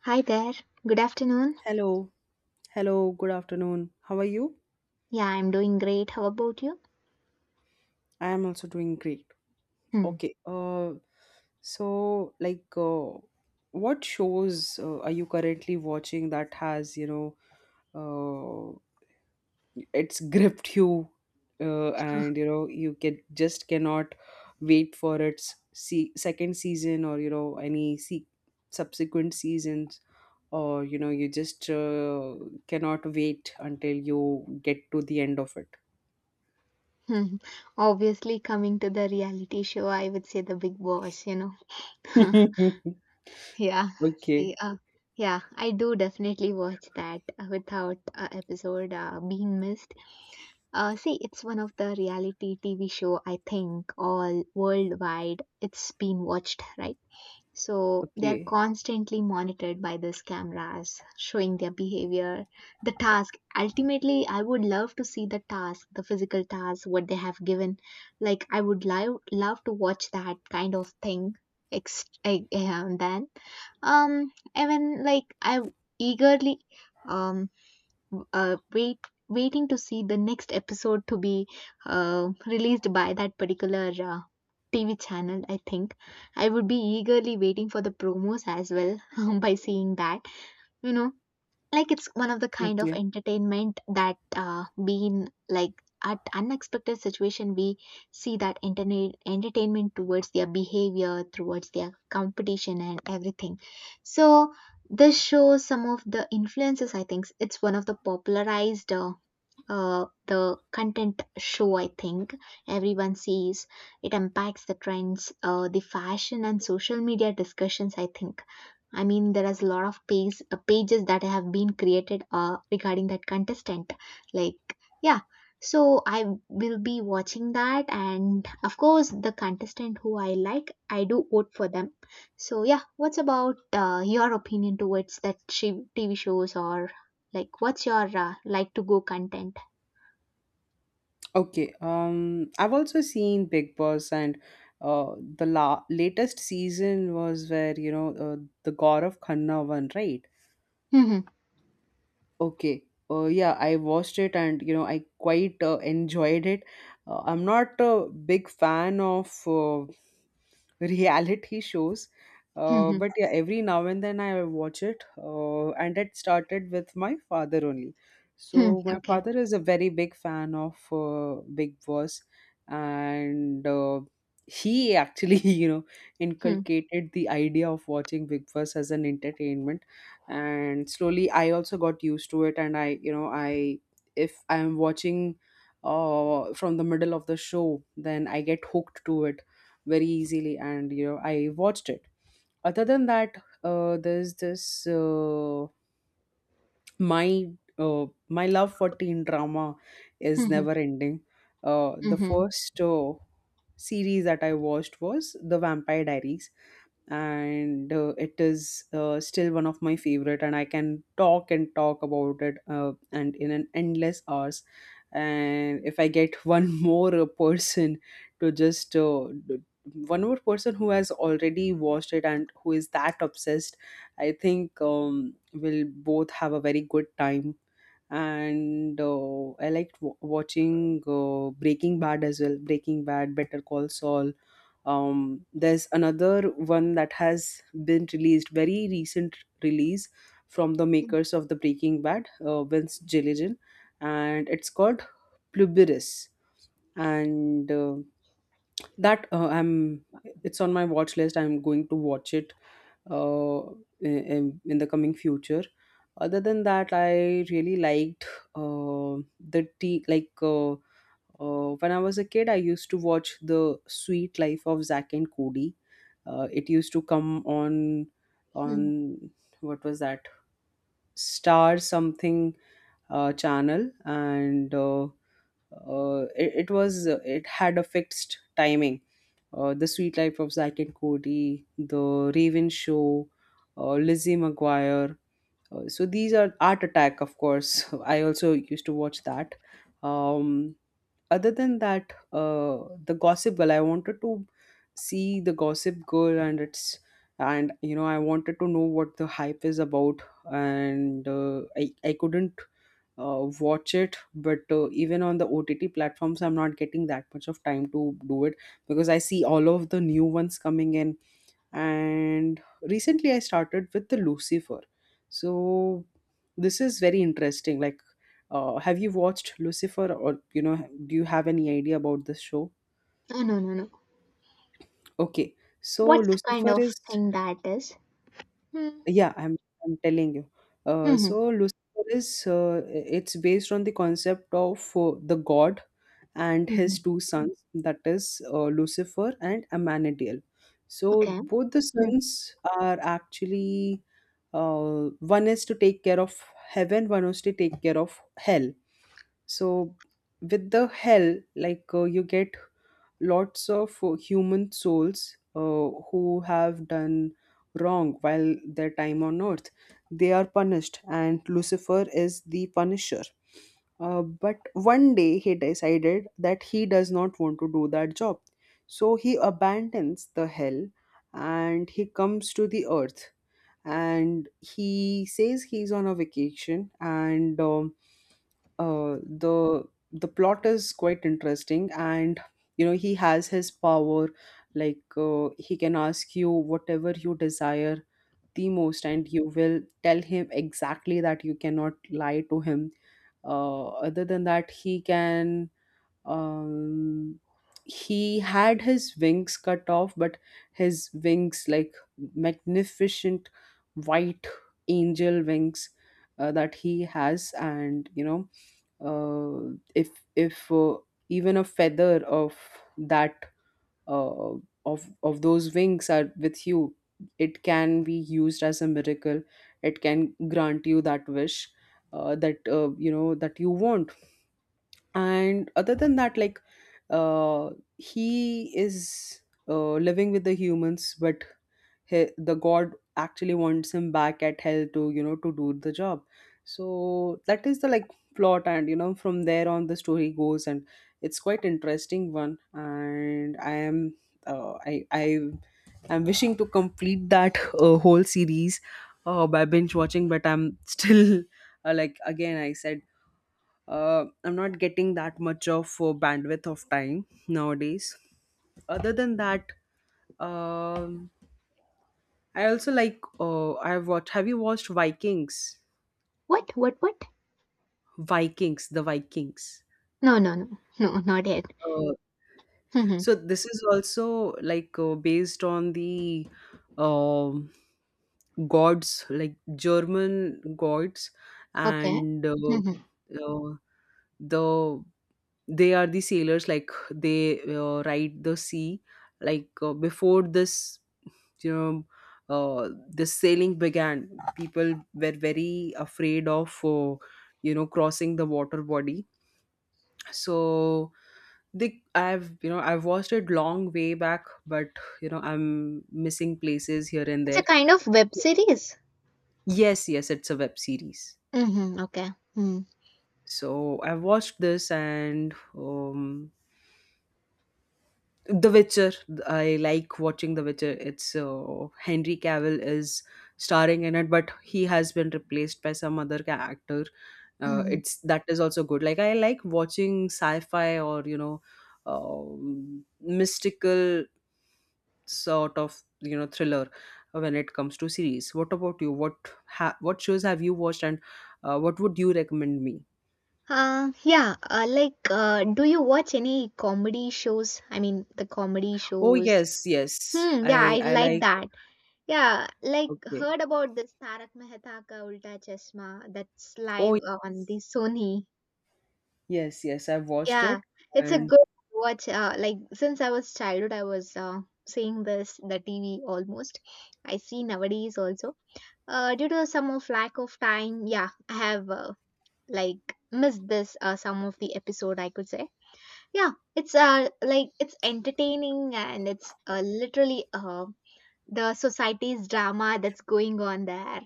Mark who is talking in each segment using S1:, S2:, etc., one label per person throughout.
S1: Hi there. Good afternoon.
S2: Hello, hello, good afternoon. How are you?
S1: Yeah, I'm doing great. How about you?
S2: I am also doing great.
S1: Hmm.
S2: Okay. So what shows are you currently watching that has, know, it's gripped you, and you can just cannot wait for its se second season, or any se subsequent seasons. Or you just cannot wait until you get to the end of
S1: Hmm. Obviously, coming to the reality show, I would say the big boss, you know.
S2: it.
S1: Yeah. See,
S2: Okay,
S1: uh, yeah, I do definitely watch that without episode being missed. See, it's one of the reality TV show I think all worldwide it's been watched, right? So they're
S2: okay,
S1: constantly monitored by these cameras, showing their behavior. The task, ultimately, I would love to see the task, the physical task, what they have given. Like, I would love to watch that kind of thing. And then, um, even like I eagerly, um, w- uh, wait waiting to see the next episode to be released by that particular TV channel, I think. I would be eagerly waiting for the promos as well by seeing that. You know, like it's one of the kind of
S2: okay,
S1: entertainment that being like at unexpected situation we see that internet entertainment towards their behavior towards their competition and everything. So this shows some of the influences, I think. It's one of the popularized the content show, I think. Everyone sees it impacts the trends, the fashion and social media discussions, I think. I mean, there is a lot of pages that have been created regarding that contestant, like, yeah. So I will be watching that, and of course the contestant who I like, I do vote for them. So yeah, what's about your opinion towards that shi- TV shows? Or like, what's your like to go content?
S2: okay. I've also seen Big Boss, and the la latest season was where the Gaurav Khanna one, right?
S1: Hmm. Hmm.
S2: Okay. Yeah, I watched it, and you know I quite enjoyed it. I'm not a big fan of reality shows. Uh,
S1: Hmm.
S2: but yeah, every now and then I watch it, and it started with my father only. So my
S1: Okay.
S2: father is a very big fan of Big Boss, and he actually, you know,
S1: Hmm.
S2: inculcated the idea of watching Big Boss as an entertainment. And slowly, I also got used to it, and I, you know, I if I'm watching from the middle of the show, then I get hooked to it very easily, and you know I watched it. Other than that, there's this my my love for teen drama is
S1: Hmm. Hı.
S2: never ending. The
S1: Mhm.
S2: first series that I watched was The Vampire Diaries, and it is still one of my favorite. And I can talk and talk about it, and in an endless hours. And if I get one more person who has already watched it and who is that obsessed, I think we'll both have a very good time. And I liked watching Breaking Bad as well. Breaking Bad, Better Call Saul. There's another one that has been released, very recent release, from the
S1: Mm.
S2: makers of the Breaking Bad, Vince Gilligan, and it's called Pluberis. And that I'm it's on my watch list. I'm going to watch it uh, in the coming future. Other than that, I really liked uh, the tea like when I was a kid I used to watch The Sweet Life of Zack and Cody. Uh, it used to come on
S1: Hmm.
S2: what was that Star something channel, and it was it had a fixed timing. The Sweet Life of Zack and Cody, the Raven show, Lizzie McGuire, so these are Art Attack, of course. I also used to watch that. Um, other than that, the Gossip Girl. I wanted to see the Gossip Girl, and it's and you know I wanted to know what the hype is about, and I couldn't watch it. But even on the OTT platforms, I'm not getting that much of time to do it because I see all of the new ones coming in, and recently I started with the Lucifer. So this is very interesting. Like, have you watched Lucifer, or do you have any idea about this show?
S1: Oh, no, no, no.
S2: Okay, so
S1: What's the kind
S2: Lucifer
S1: of
S2: is...
S1: thing that is? Hmm.
S2: Yeah, I'm telling you.
S1: Mhm.
S2: So Lucifer is it's based on the concept of the god and his
S1: Mhm.
S2: two sons, that is Lucifer and Amanadiel. So
S1: Okay.
S2: both the
S1: Hmm.
S2: sons are actually one is to take care of heaven, one is to take care of hell. So with the hell, like, you get lots of human souls who have done wrong while their time on earth, they are punished, and Lucifer is the punisher. But one day he decided that he does not want to do that job, so he abandons the hell and he comes to the earth, and he says he's on a vacation. And uh, the the plot is quite interesting, and you know he has his power. Like, he can ask you whatever you desire the most and you will tell him exactly. That you cannot lie to him. Uh, other than that, he can um he had his wings cut off, but his wings, like, magnificent white angel wings that he has. And you know, uh, if if even a feather of that, uh, of those wings are with you, it can be used as a miracle. It can grant you that wish that that you want. And other than that, like, uh he is living with the humans, but he, the god, actually wants him back at hell to to do the job. So that is the, like, plot, and you know from there on the story goes, and it's quite interesting one. And I am wishing to complete that whole series by binge watching, but I'm still like, again I said, I'm not getting that much of bandwidth of time nowadays. Other than that, um, I also like. I've watched. Have you watched Vikings?
S1: What? What? What?
S2: Vikings, the Vikings.
S1: No, no, no. No, not yet.
S2: Uh,
S1: Mhm.
S2: so this is also like based on the um gods, like German gods,
S1: Okay.
S2: and
S1: Mhm.
S2: uh, the they are the sailors, like they ride the sea. Like, before this, you know the sailing began, people were very afraid of crossing the water body. So they I've, you know, I've watched it long way back, but you know I'm missing places here and
S1: It's a
S2: there.
S1: kind of web series.
S2: Yes, yes, it's a web series.
S1: Mhm. Okay. Mm.
S2: So I've watched this. And The Witcher. I like watching The Witcher. It's Henry Cavill is starring in it, but he has been replaced by some other actor.
S1: Hmm. Mhm.
S2: It's that is also good. Like, I like watching sci-fi, or you know, mystical sort of, you know, thriller when it comes to series. What about you? What shows have you watched, and what would you recommend me?
S1: Yeah, do you watch any comedy shows? I mean, the comedy
S2: Oh
S1: shows.
S2: yes, yes.
S1: Hmm, yeah,
S2: I
S1: I
S2: I
S1: like
S2: like.
S1: that. Yeah, like,
S2: Okay.
S1: heard about this Tarak Mehta Ka Ulta Chashma that's live
S2: Oh
S1: on the Sony.
S2: yes, yes. I've watched
S1: Yeah,
S2: it.
S1: it's a
S2: And.
S1: good watch. Like, since I was childhood, I was seeing this the TV almost. I see nowadays also. Due to some of lack of time, yeah, I have like missed this some of the episode, I could say. Yeah, it's like it's entertaining, and it's literally the society's drama that's going on there.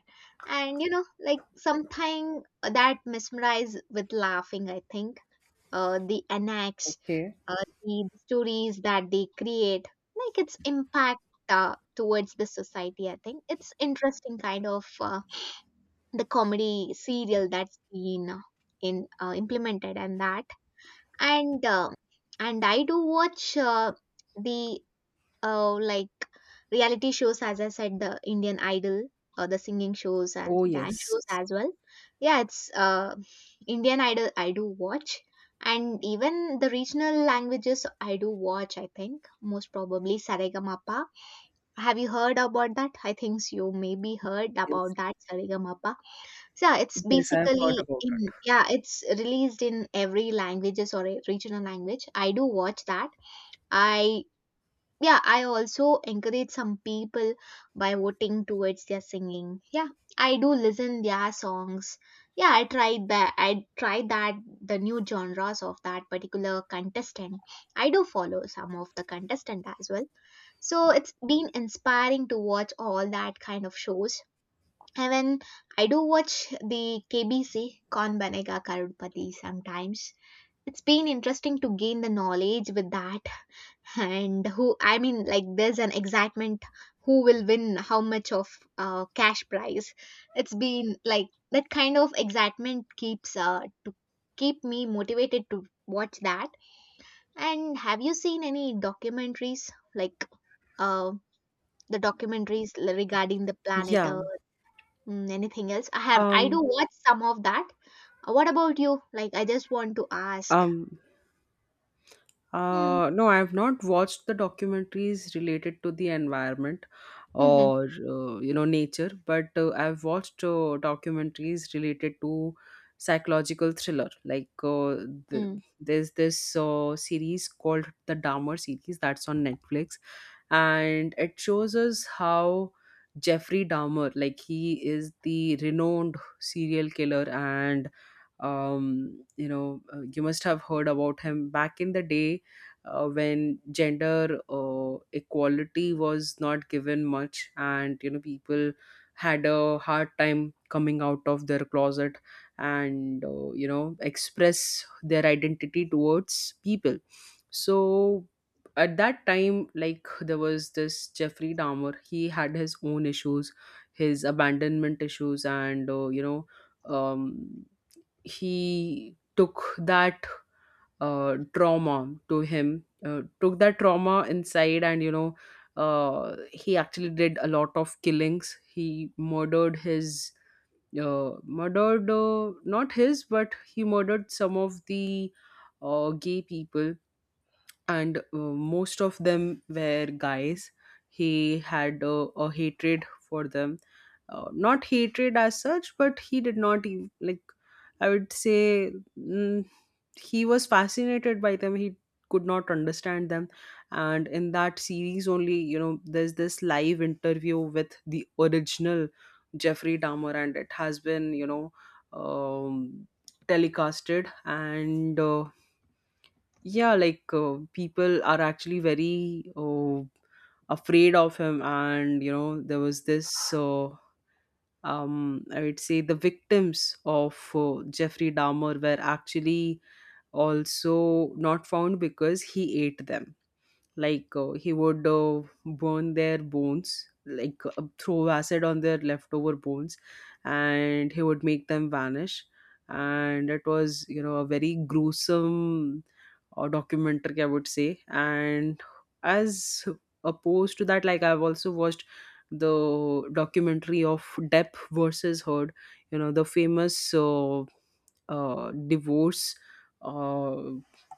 S1: And you know, like something that mesmerize with laughing, I think. uh, the annex
S2: Okay.
S1: uh, the stories that they create, like its impact towards the society, I think it's interesting kind of the comedy serial that's been in implemented, and that and uh, and I do watch, the oh, like, reality shows, as I said, the Indian Idol or the singing shows and
S2: Oh
S1: dance shows
S2: yes.
S1: as well. Yeah, it's Indian Idol I do watch, and even the regional languages I do watch. I think most probably Saregamapa. Have you heard about that? I think so. You maybe heard
S2: Yes.
S1: about that Saregamapa. So yeah, it's
S2: Yes, I have heard
S1: basically
S2: about
S1: in
S2: it.
S1: yeah, it's released in every languages or a regional language. I do watch that. I yeah, I also encourage some people by voting towards their singing. Yeah, I do listen their songs. Yeah, I tried that, the new genres of that particular contestant. I do follow some of the contestant as well, so it's been inspiring to watch all that kind of shows. And when I do watch the KBC, Kaun banega karudpati, sometimes it's been interesting to gain the knowledge with that. And who, I mean, like, there's an excitement who will win how much of cash prize. It's been like that kind of excitement keeps to keep me motivated to watch that. And have you seen any documentaries, like, uh, the documentaries regarding the planet
S2: Yeah.
S1: earth? Mm, anything else I have, I do
S2: Um
S1: watch some of that. What about you? Like, I just want to ask.
S2: um
S1: Hmm.
S2: no, I've not watched the documentaries related to the environment
S1: Hmm. Hmm.
S2: or nature, but I've watched documentaries related to psychological thriller. Like, th-
S1: Hmm.
S2: there's this series called the Dahmer series that's on Netflix, and it shows us how Jeffrey Dahmer, like, he is the renowned serial killer. And you must have heard about him back in the day, when gender equality was not given much, and you know people had a hard time coming out of their closet and express their identity towards people. So at that time, like, there was this Jeffrey Dahmer. He had his own issues, his abandonment issues. And um, he took that trauma to him, took that trauma inside, and you know he actually did a lot of killings. He murdered his murdered not his, but he murdered some of the gay people, and most of them were guys. He had a hatred for them. Uh, not hatred as such, but he did not even, like, I would say, mm, he was fascinated by them. He could not understand them. And in that series only, you know, there's this live interview with the original Jeffrey Dahmer, and it has been, you know, um, telecasted. And yeah, like, people are actually very afraid of him. And you know, there was this I would say the victims of Jeffrey Dahmer were actually also not found because he ate them. Like, he would burn their bones, like, throw acid on their leftover bones, and he would make them vanish. And it was, you know, a very gruesome documentary, I would say. And as opposed to that, like, I've also watched the documentary of Depp versus Heard, you know, the famous divorce uh,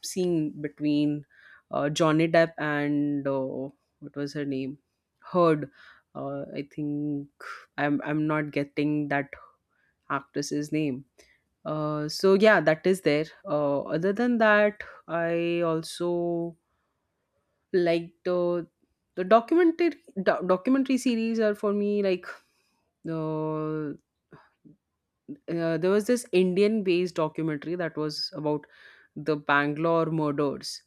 S2: scene between Johnny Depp and what was her name? Heard. I think I'm not getting that actress's name. So yeah, that is there. Other than that, I also liked the documentary documentary series are for me like uh, there was this Indian based documentary that was about the Bangalore murders,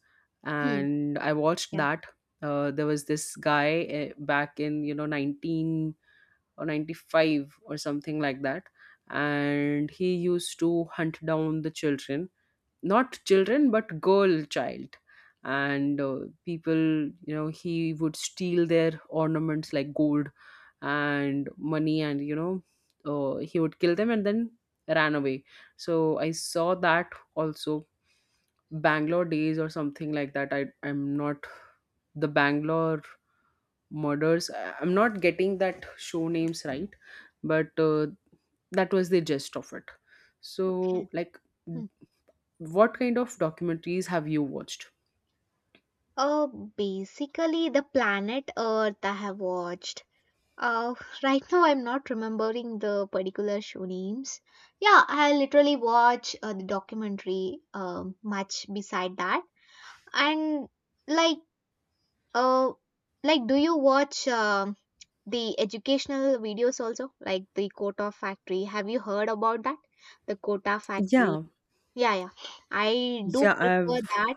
S1: Hmm.
S2: and I watched
S1: Yeah.
S2: that. There was this guy, back in, you know, 19 or 95 or something like that, and he used to hunt down the children, not children but girl child. And people, you know, he would steal their ornaments like gold and money and he would kill them and then ran away. So I saw that also. Bangalore Days or something like that, I'm not... The Bangalore Murders, I'm not getting that show names right, but that was the gist of it.
S1: Okay.
S2: So like,
S1: Hmm.
S2: what kind of documentaries have you watched?
S1: Uh, Basically, the planet Earth I have watched. Uh, right now, I'm not remembering the particular show names. Yeah, I literally watch the documentary much beside that. And, like, uh, like, do you watch the educational videos also? Like the Kota Factory. Have you heard about that? The Kota Factory.
S2: Yeah,
S1: Yeah, yeah. I do
S2: yeah,
S1: prefer
S2: I've
S1: that.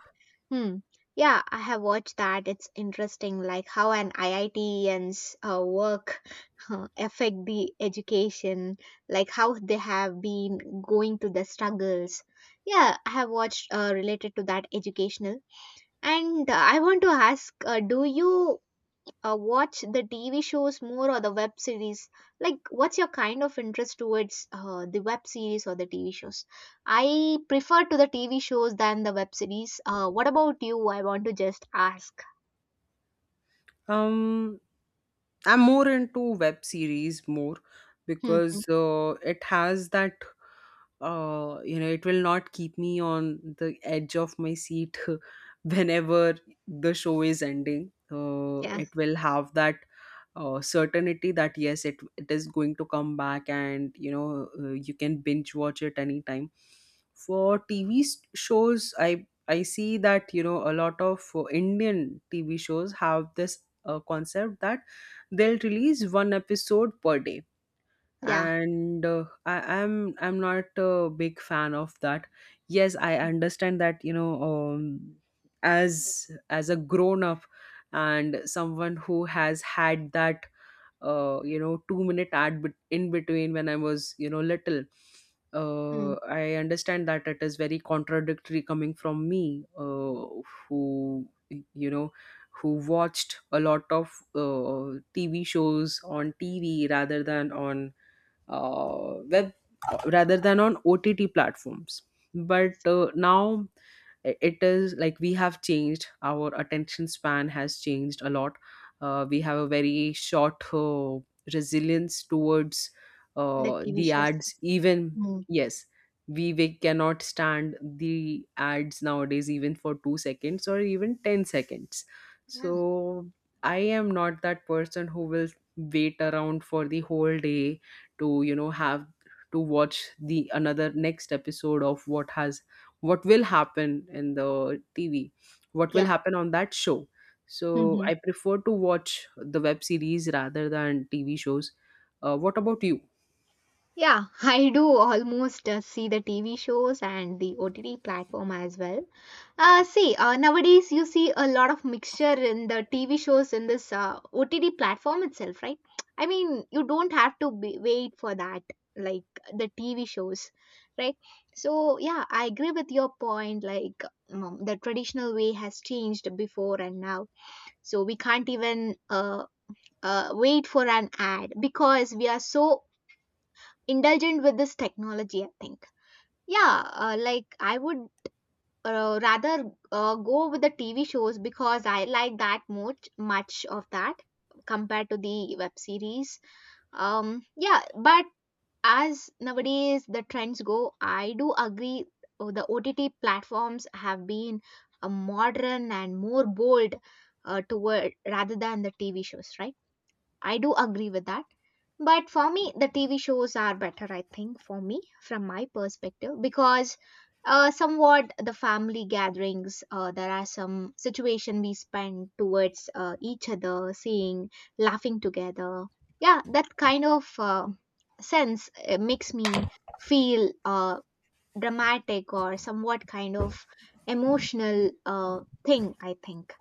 S1: Hmm. Yeah, I have watched that. It's interesting, like how an IITian's work affect the education, like how they have been going to the struggles. Yeah, I have watched related to that educational. And I want to ask, do you watch the TV shows more or the web series? Like, what's your kind of interest towards the web series or the TV shows? I prefer to the TV shows than the web series. What about you? I want to just ask.
S2: um I'm more into web series more
S1: Mm-hmm.
S2: because it has that you know, it will not keep me on the edge of my seat whenever the show is ending.
S1: Yeah,
S2: It will have that certainty that yes, it is going to come back, and you know, you can binge watch it anytime. For TV s- shows, I see that you know a lot of Indian TV shows have this concept that they'll release one episode per day.
S1: yeah.
S2: And I'm not a big fan of that. Yes, I understand that, you know, as a grown up and someone who has had that you know, 2-minute ad bet- in between when I was you know little. uh,
S1: Mm.
S2: I understand that it is very contradictory coming from me, who, you know, who watched a lot of uh, TV shows on TV rather than on web, rather than on OTT platforms. But
S1: Yes,
S2: now, I- it is like we have changed, our attention span has changed a lot. Uh, we have a very short resilience towards
S1: the TV
S2: the
S1: shows.
S2: ads even.
S1: Mm.
S2: Yes, we cannot stand the ads nowadays even for 2 seconds or even 10 seconds.
S1: Yeah,
S2: So I am not that person who will wait around for the whole day to you know have to watch the another next episode of what has, what will happen in the TV, what will
S1: yeah.
S2: happen on that show. So
S1: Hmm.
S2: I prefer to watch the web series rather than TV shows. Uh, what about you?
S1: Yeah, I do almost see the TV shows and the OTT platform as well. Nowadays you see a lot of mixture in the TV shows in this OTT platform itself, right? I mean, you don't have to be, wait for that, like the TV shows, right? So, yeah, I agree with your point. Like, the traditional way has changed before and now. So, we can't even wait for an ad because we are so indulgent with this technology, I think. Yeah, like I would rather go with the TV shows because I like that much of that compared to the web series. Yeah, but as nowadays the trends go, I do agree the OTT platforms have been modern and more bold toward rather than the TV shows, right? I do agree with that. But for me, the TV shows are better, I think, for me, from my perspective, because somewhat the family gatherings, there are some situation we spend towards each other, seeing, laughing together. Yeah, that kind of sense makes me feel dramatic or somewhat kind of emotional thing, I think.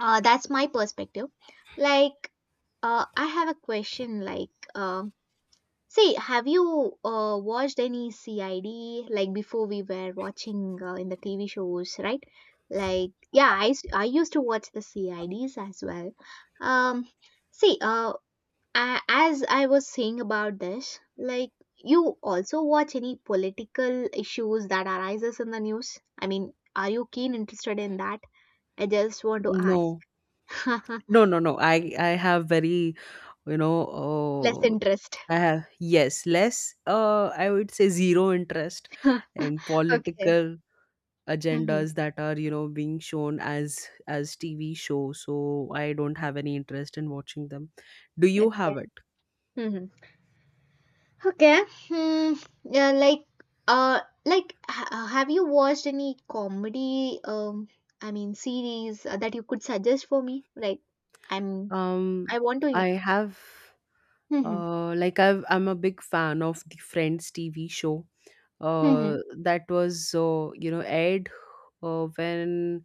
S1: That's my perspective. Like, I have a question like, uh, see, have you watched any CID, like before we were watching in the TV shows, right? Like, yeah, I used to watch the CIDs as well. Um, see, uh, a as I was saying about this, like, you also watch any political issues that arises in the news? I mean, are you keen interested in that? I just want to ask.
S2: No, no, no, no, I have very, you know,
S1: Less interest.
S2: I have yes less, I would say zero interest in
S1: Okay.
S2: political
S1: Hmm.
S2: agendas that are you know being shown as TV shows, so I don't have any interest in watching them. Do you
S1: Okay.
S2: have it?
S1: Hmm. Okay. Hmm. Yeah, like, uh have you watched any comedy I mean series that you could suggest for me? Like, I'm I
S2: Um,
S1: want to.
S2: I have
S1: Mhm.
S2: like I've, I'm a big fan of the Friends TV show.
S1: Mhm.
S2: That was you know aired uh, when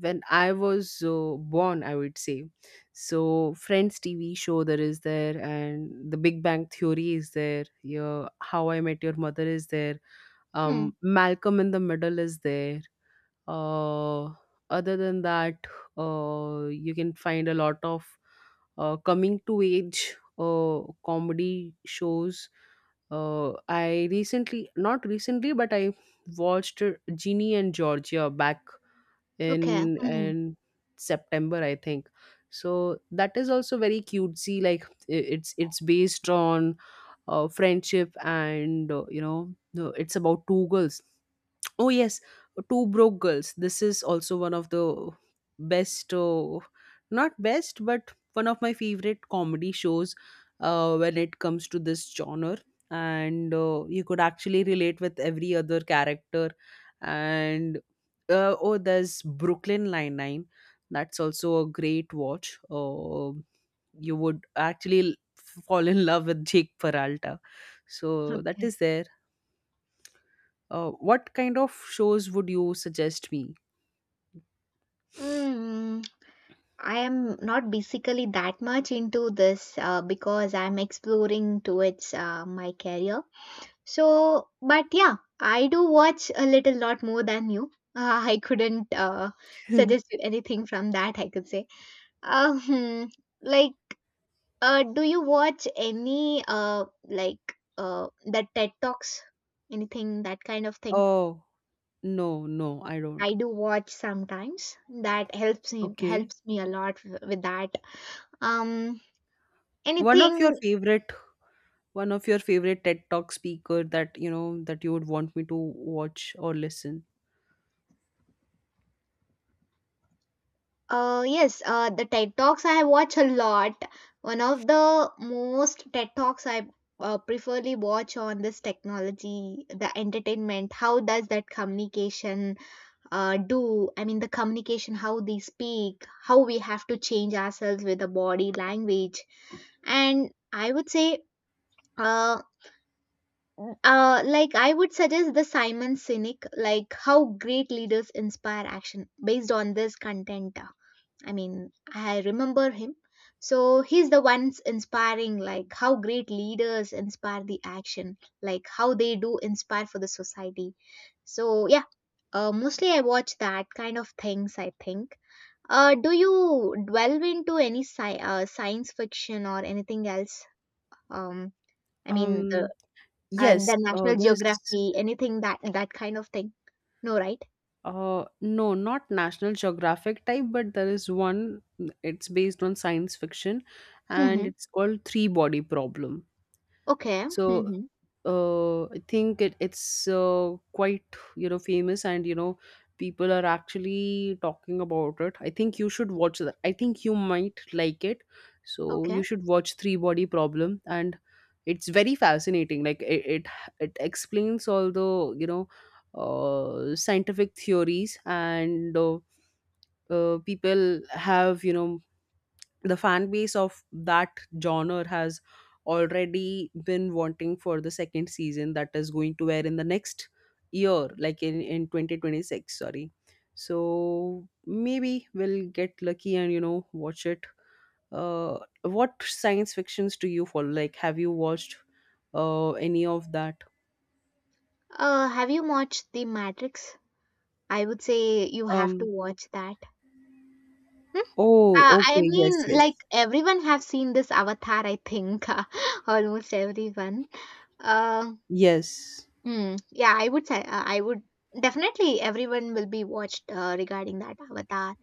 S2: when I was born, I would say. So Friends TV show there is there, and The Big Bang Theory is there. Yeah, How I Met Your Mother is there.
S1: Hmm. Hmm, hmm.
S2: Malcolm in the Middle is there. uh, Other than that, you can find a lot of coming to age comedy shows. Uh, I recently, not recently, but I watched Genie and Georgia back
S1: Okay.
S2: in
S1: Mhm.
S2: in September, I think. So that is also very cutesy. Like, I- it's based on friendship and you know, no, it's about two girls. Oh yes, Two Broke Girls. This is also one of the best, not best, but one of my favorite comedy shows when it comes to this genre. And you could actually relate with every other character. And oh, there's Brooklyn Nine Nine. That's also a great watch. You would actually l- fall in love with Jake Peralta. So that
S1: Okay.
S2: is there. Uh, what kind of shows would you suggest me?
S1: Mm. I am not basically that much into this because I'm exploring towards my career. So, but yeah, I do watch a little lot more than you. I couldn't suggest you anything from that, I could say. Uh, hmm, like, do you watch any, the TED Talks? Anything, that kind of thing?
S2: Oh, no, no, I don't.
S1: I do watch sometimes. That helps me
S2: Okay.
S1: a lot with that. Um,
S2: One of your
S1: Anything.
S2: favorite, one of your favorite TED Talk speaker that, you know, that you would want me to watch or listen.
S1: Yes, the TED Talks I watch a lot. One of the most TED Talks I preferably watch on this technology, the entertainment. How does that communication do? I mean, the communication, how they speak, how we have to change ourselves with the body language. And I would say, uh, like I would suggest the Simon Sinek, like how great leaders inspire action based on this content. I mean, I remember him. So he's the ones inspiring, like how great leaders inspire the action, like how they do inspire for the society. So, yeah, mostly I watch that kind of things, I think. Do you delve into any science fiction or anything else? Um, I mean,
S2: Um, yes,
S1: the National
S2: there's
S1: Geography, anything that that kind of thing? No, right?
S2: no, not National Geographic type, but there is one, it's based on science fiction, and
S1: Mm-hmm.
S2: it's called Three Body Problem.
S1: Okay.
S2: So
S1: Mm-hmm.
S2: I think it, it's quite you know famous, and you know, people are actually talking about it. I think you should watch that. I think you might like it. So
S1: Okay.
S2: you should watch Three Body Problem. And it's very fascinating. Like, it explains all the you know scientific theories. And people have, you know, the fan base of that genre has already been wanting for the second season that is going to air in the next year, like in 2026, sorry. So maybe we'll get lucky and you know watch it. Uh, what science fictions do you follow? Like, have you watched any of that?
S1: Have you watched The Matrix? I would say you have to
S2: Um,
S1: watch that. Hmm?
S2: oh
S1: I
S2: okay, yes,
S1: mean,
S2: yes,
S1: like everyone have seen this Avatar, I think, almost everyone. Uh,
S2: yes.
S1: mm, yeah, I would say I would definitely everyone will be watched regarding that Avatar.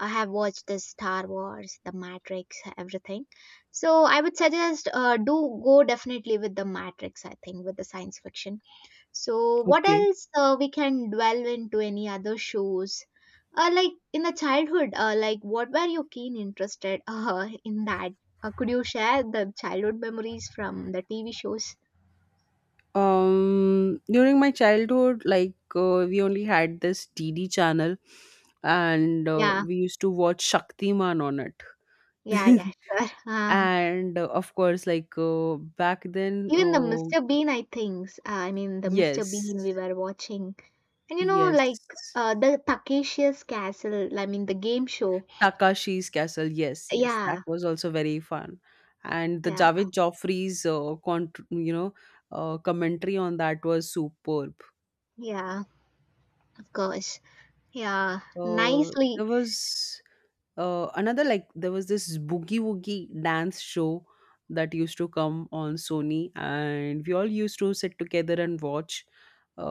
S1: I have watched the Star Wars, the Matrix, everything. So I would suggest do go definitely with the Matrix. I think with the science fiction. So, what
S2: Okay.
S1: else we can dwell into any other shows? Like in the childhood, like what were you keen interested in that? Could you share the childhood memories from the TV shows?
S2: During my childhood, like we only had this DD channel, and
S1: Yeah,
S2: we used to watch Shaktiman on it.
S1: yeah, yeah, sure.
S2: And of course, like back then,
S1: Even the Mr. Bean, I think. I mean, the Mr.
S2: yes,
S1: Bean we were watching. And you know, like
S2: yes,
S1: the Takeshi's Castle, I mean, the game show.
S2: Takashi's Castle, yes, yes, that
S1: Yeah,
S2: was also very fun. And the
S1: yeah,
S2: Javed Joffrey's, cont- you know, commentary on that was superb.
S1: yeah, of course. Yeah, nicely.
S2: There was another, like there was this Boogie Woogie dance show that used to come on Sony, and we all used to sit together and watch.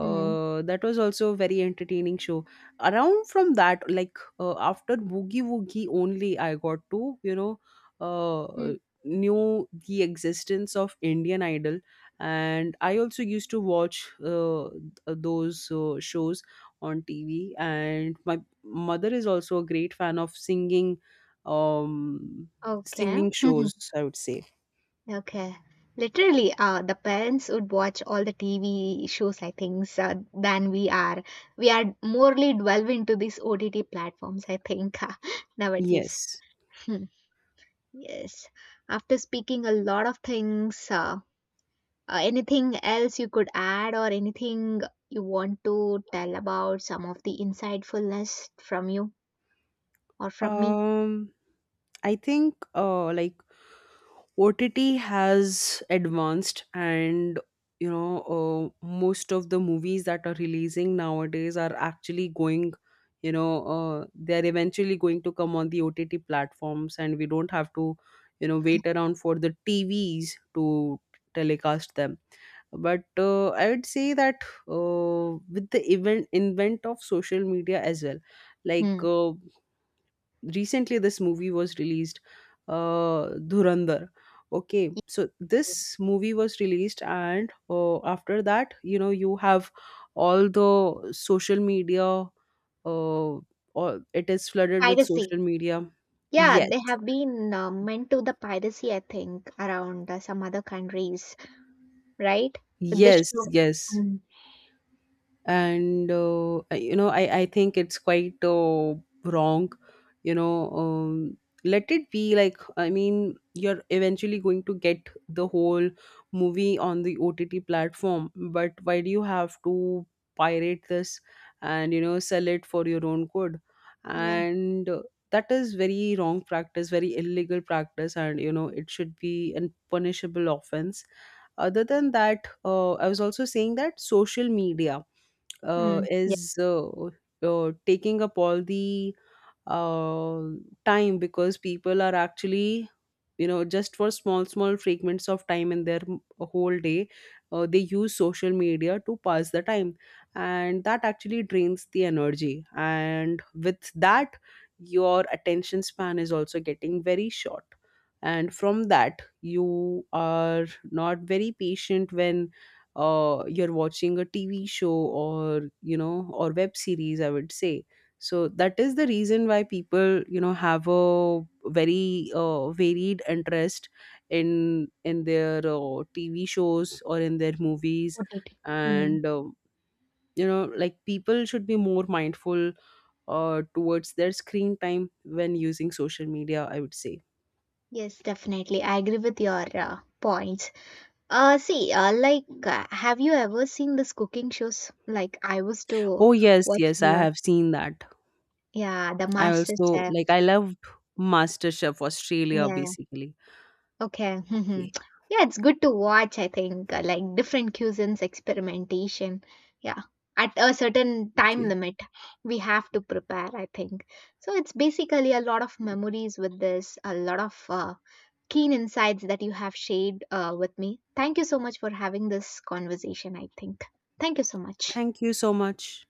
S1: Mm.
S2: That was also a very entertaining show. Around from that, like after Boogie Woogie, only I got to, you know, uh,
S1: Mm.
S2: knew the existence of Indian Idol, and I also used to watch th- those shows on TV. And my mother is also a great fan of singing, um
S1: Okay.
S2: singing shows, I would say.
S1: Okay. Literally, the parents would watch all the TV shows, I think, than we are. We are morely delve into these OTT platforms, I think, nowadays.
S2: Yes.
S1: Hmm. Yes. After speaking a lot of things, anything else you could add or anything you want to tell about some of the insightfulness from you or from me?
S2: um I think like OTT has advanced, and you know, most of the movies that are releasing nowadays are actually going, you know, they're eventually going to come on the OTT platforms, and we don't have to you know wait around for the TVs to telecast them. But I would say that with the event invent of social media as well, like
S1: Hmm.
S2: recently this movie was released, Dhurandhar. Okay, so this movie was released, and after that, you know, you have all the social media, uh, or it is flooded with
S1: Piracy.
S2: social media.
S1: Yeah, they
S2: Yes,
S1: have been meant to the piracy, I think, around some other countries, right? With this
S2: yes,
S1: show.
S2: yes.
S1: Mm.
S2: And I- you know, I think it's quite wrong, you know, let it be. Like, I mean, you're eventually going to get the whole movie on the OTT platform. But why do you have to pirate this and you know sell it for your own good?
S1: Yeah.
S2: And that is very wrong practice, very illegal practice, and you know it should be an punishable offense. Other than that, I was also saying that social media
S1: Mm.
S2: is taking up all the uh, time, because people are actually, you know, just for small small fragments of time in their m- whole day, they use social media to pass the time. And that actually drains the energy, and with that, your attention span is also getting very short. And from that, you are not very patient when you're watching a TV show or you know or web series, I would say. So that is the reason why people you know have a very varied interest in their TV shows or in their movies.
S1: OTT. Mm.
S2: And you know like people should be more mindful towards their screen time when using social media, I would say.
S1: Yes, definitely. I agree with your points. Have you ever seen these cooking shows? Like, I was to
S2: Oh yes,
S1: watch a
S2: yes, I
S1: lot.
S2: have seen that.
S1: Yeah, the
S2: I
S1: Master
S2: also
S1: Chef.
S2: like, I loved MasterChef Australia
S1: Yeah.
S2: basically.
S1: Okay.
S2: Okay,
S1: Mhm. Yeah, it's good to watch, I think, like different cuisines experimentation. Yeah. At a certain
S2: thank
S1: time
S2: you.
S1: limit, we have to prepare, I think. So it's basically a lot of memories with this, a lot of keen insights that you have shared with me. Thank you so much for having this conversation, I think. Thank you so much.
S2: Thank you so much.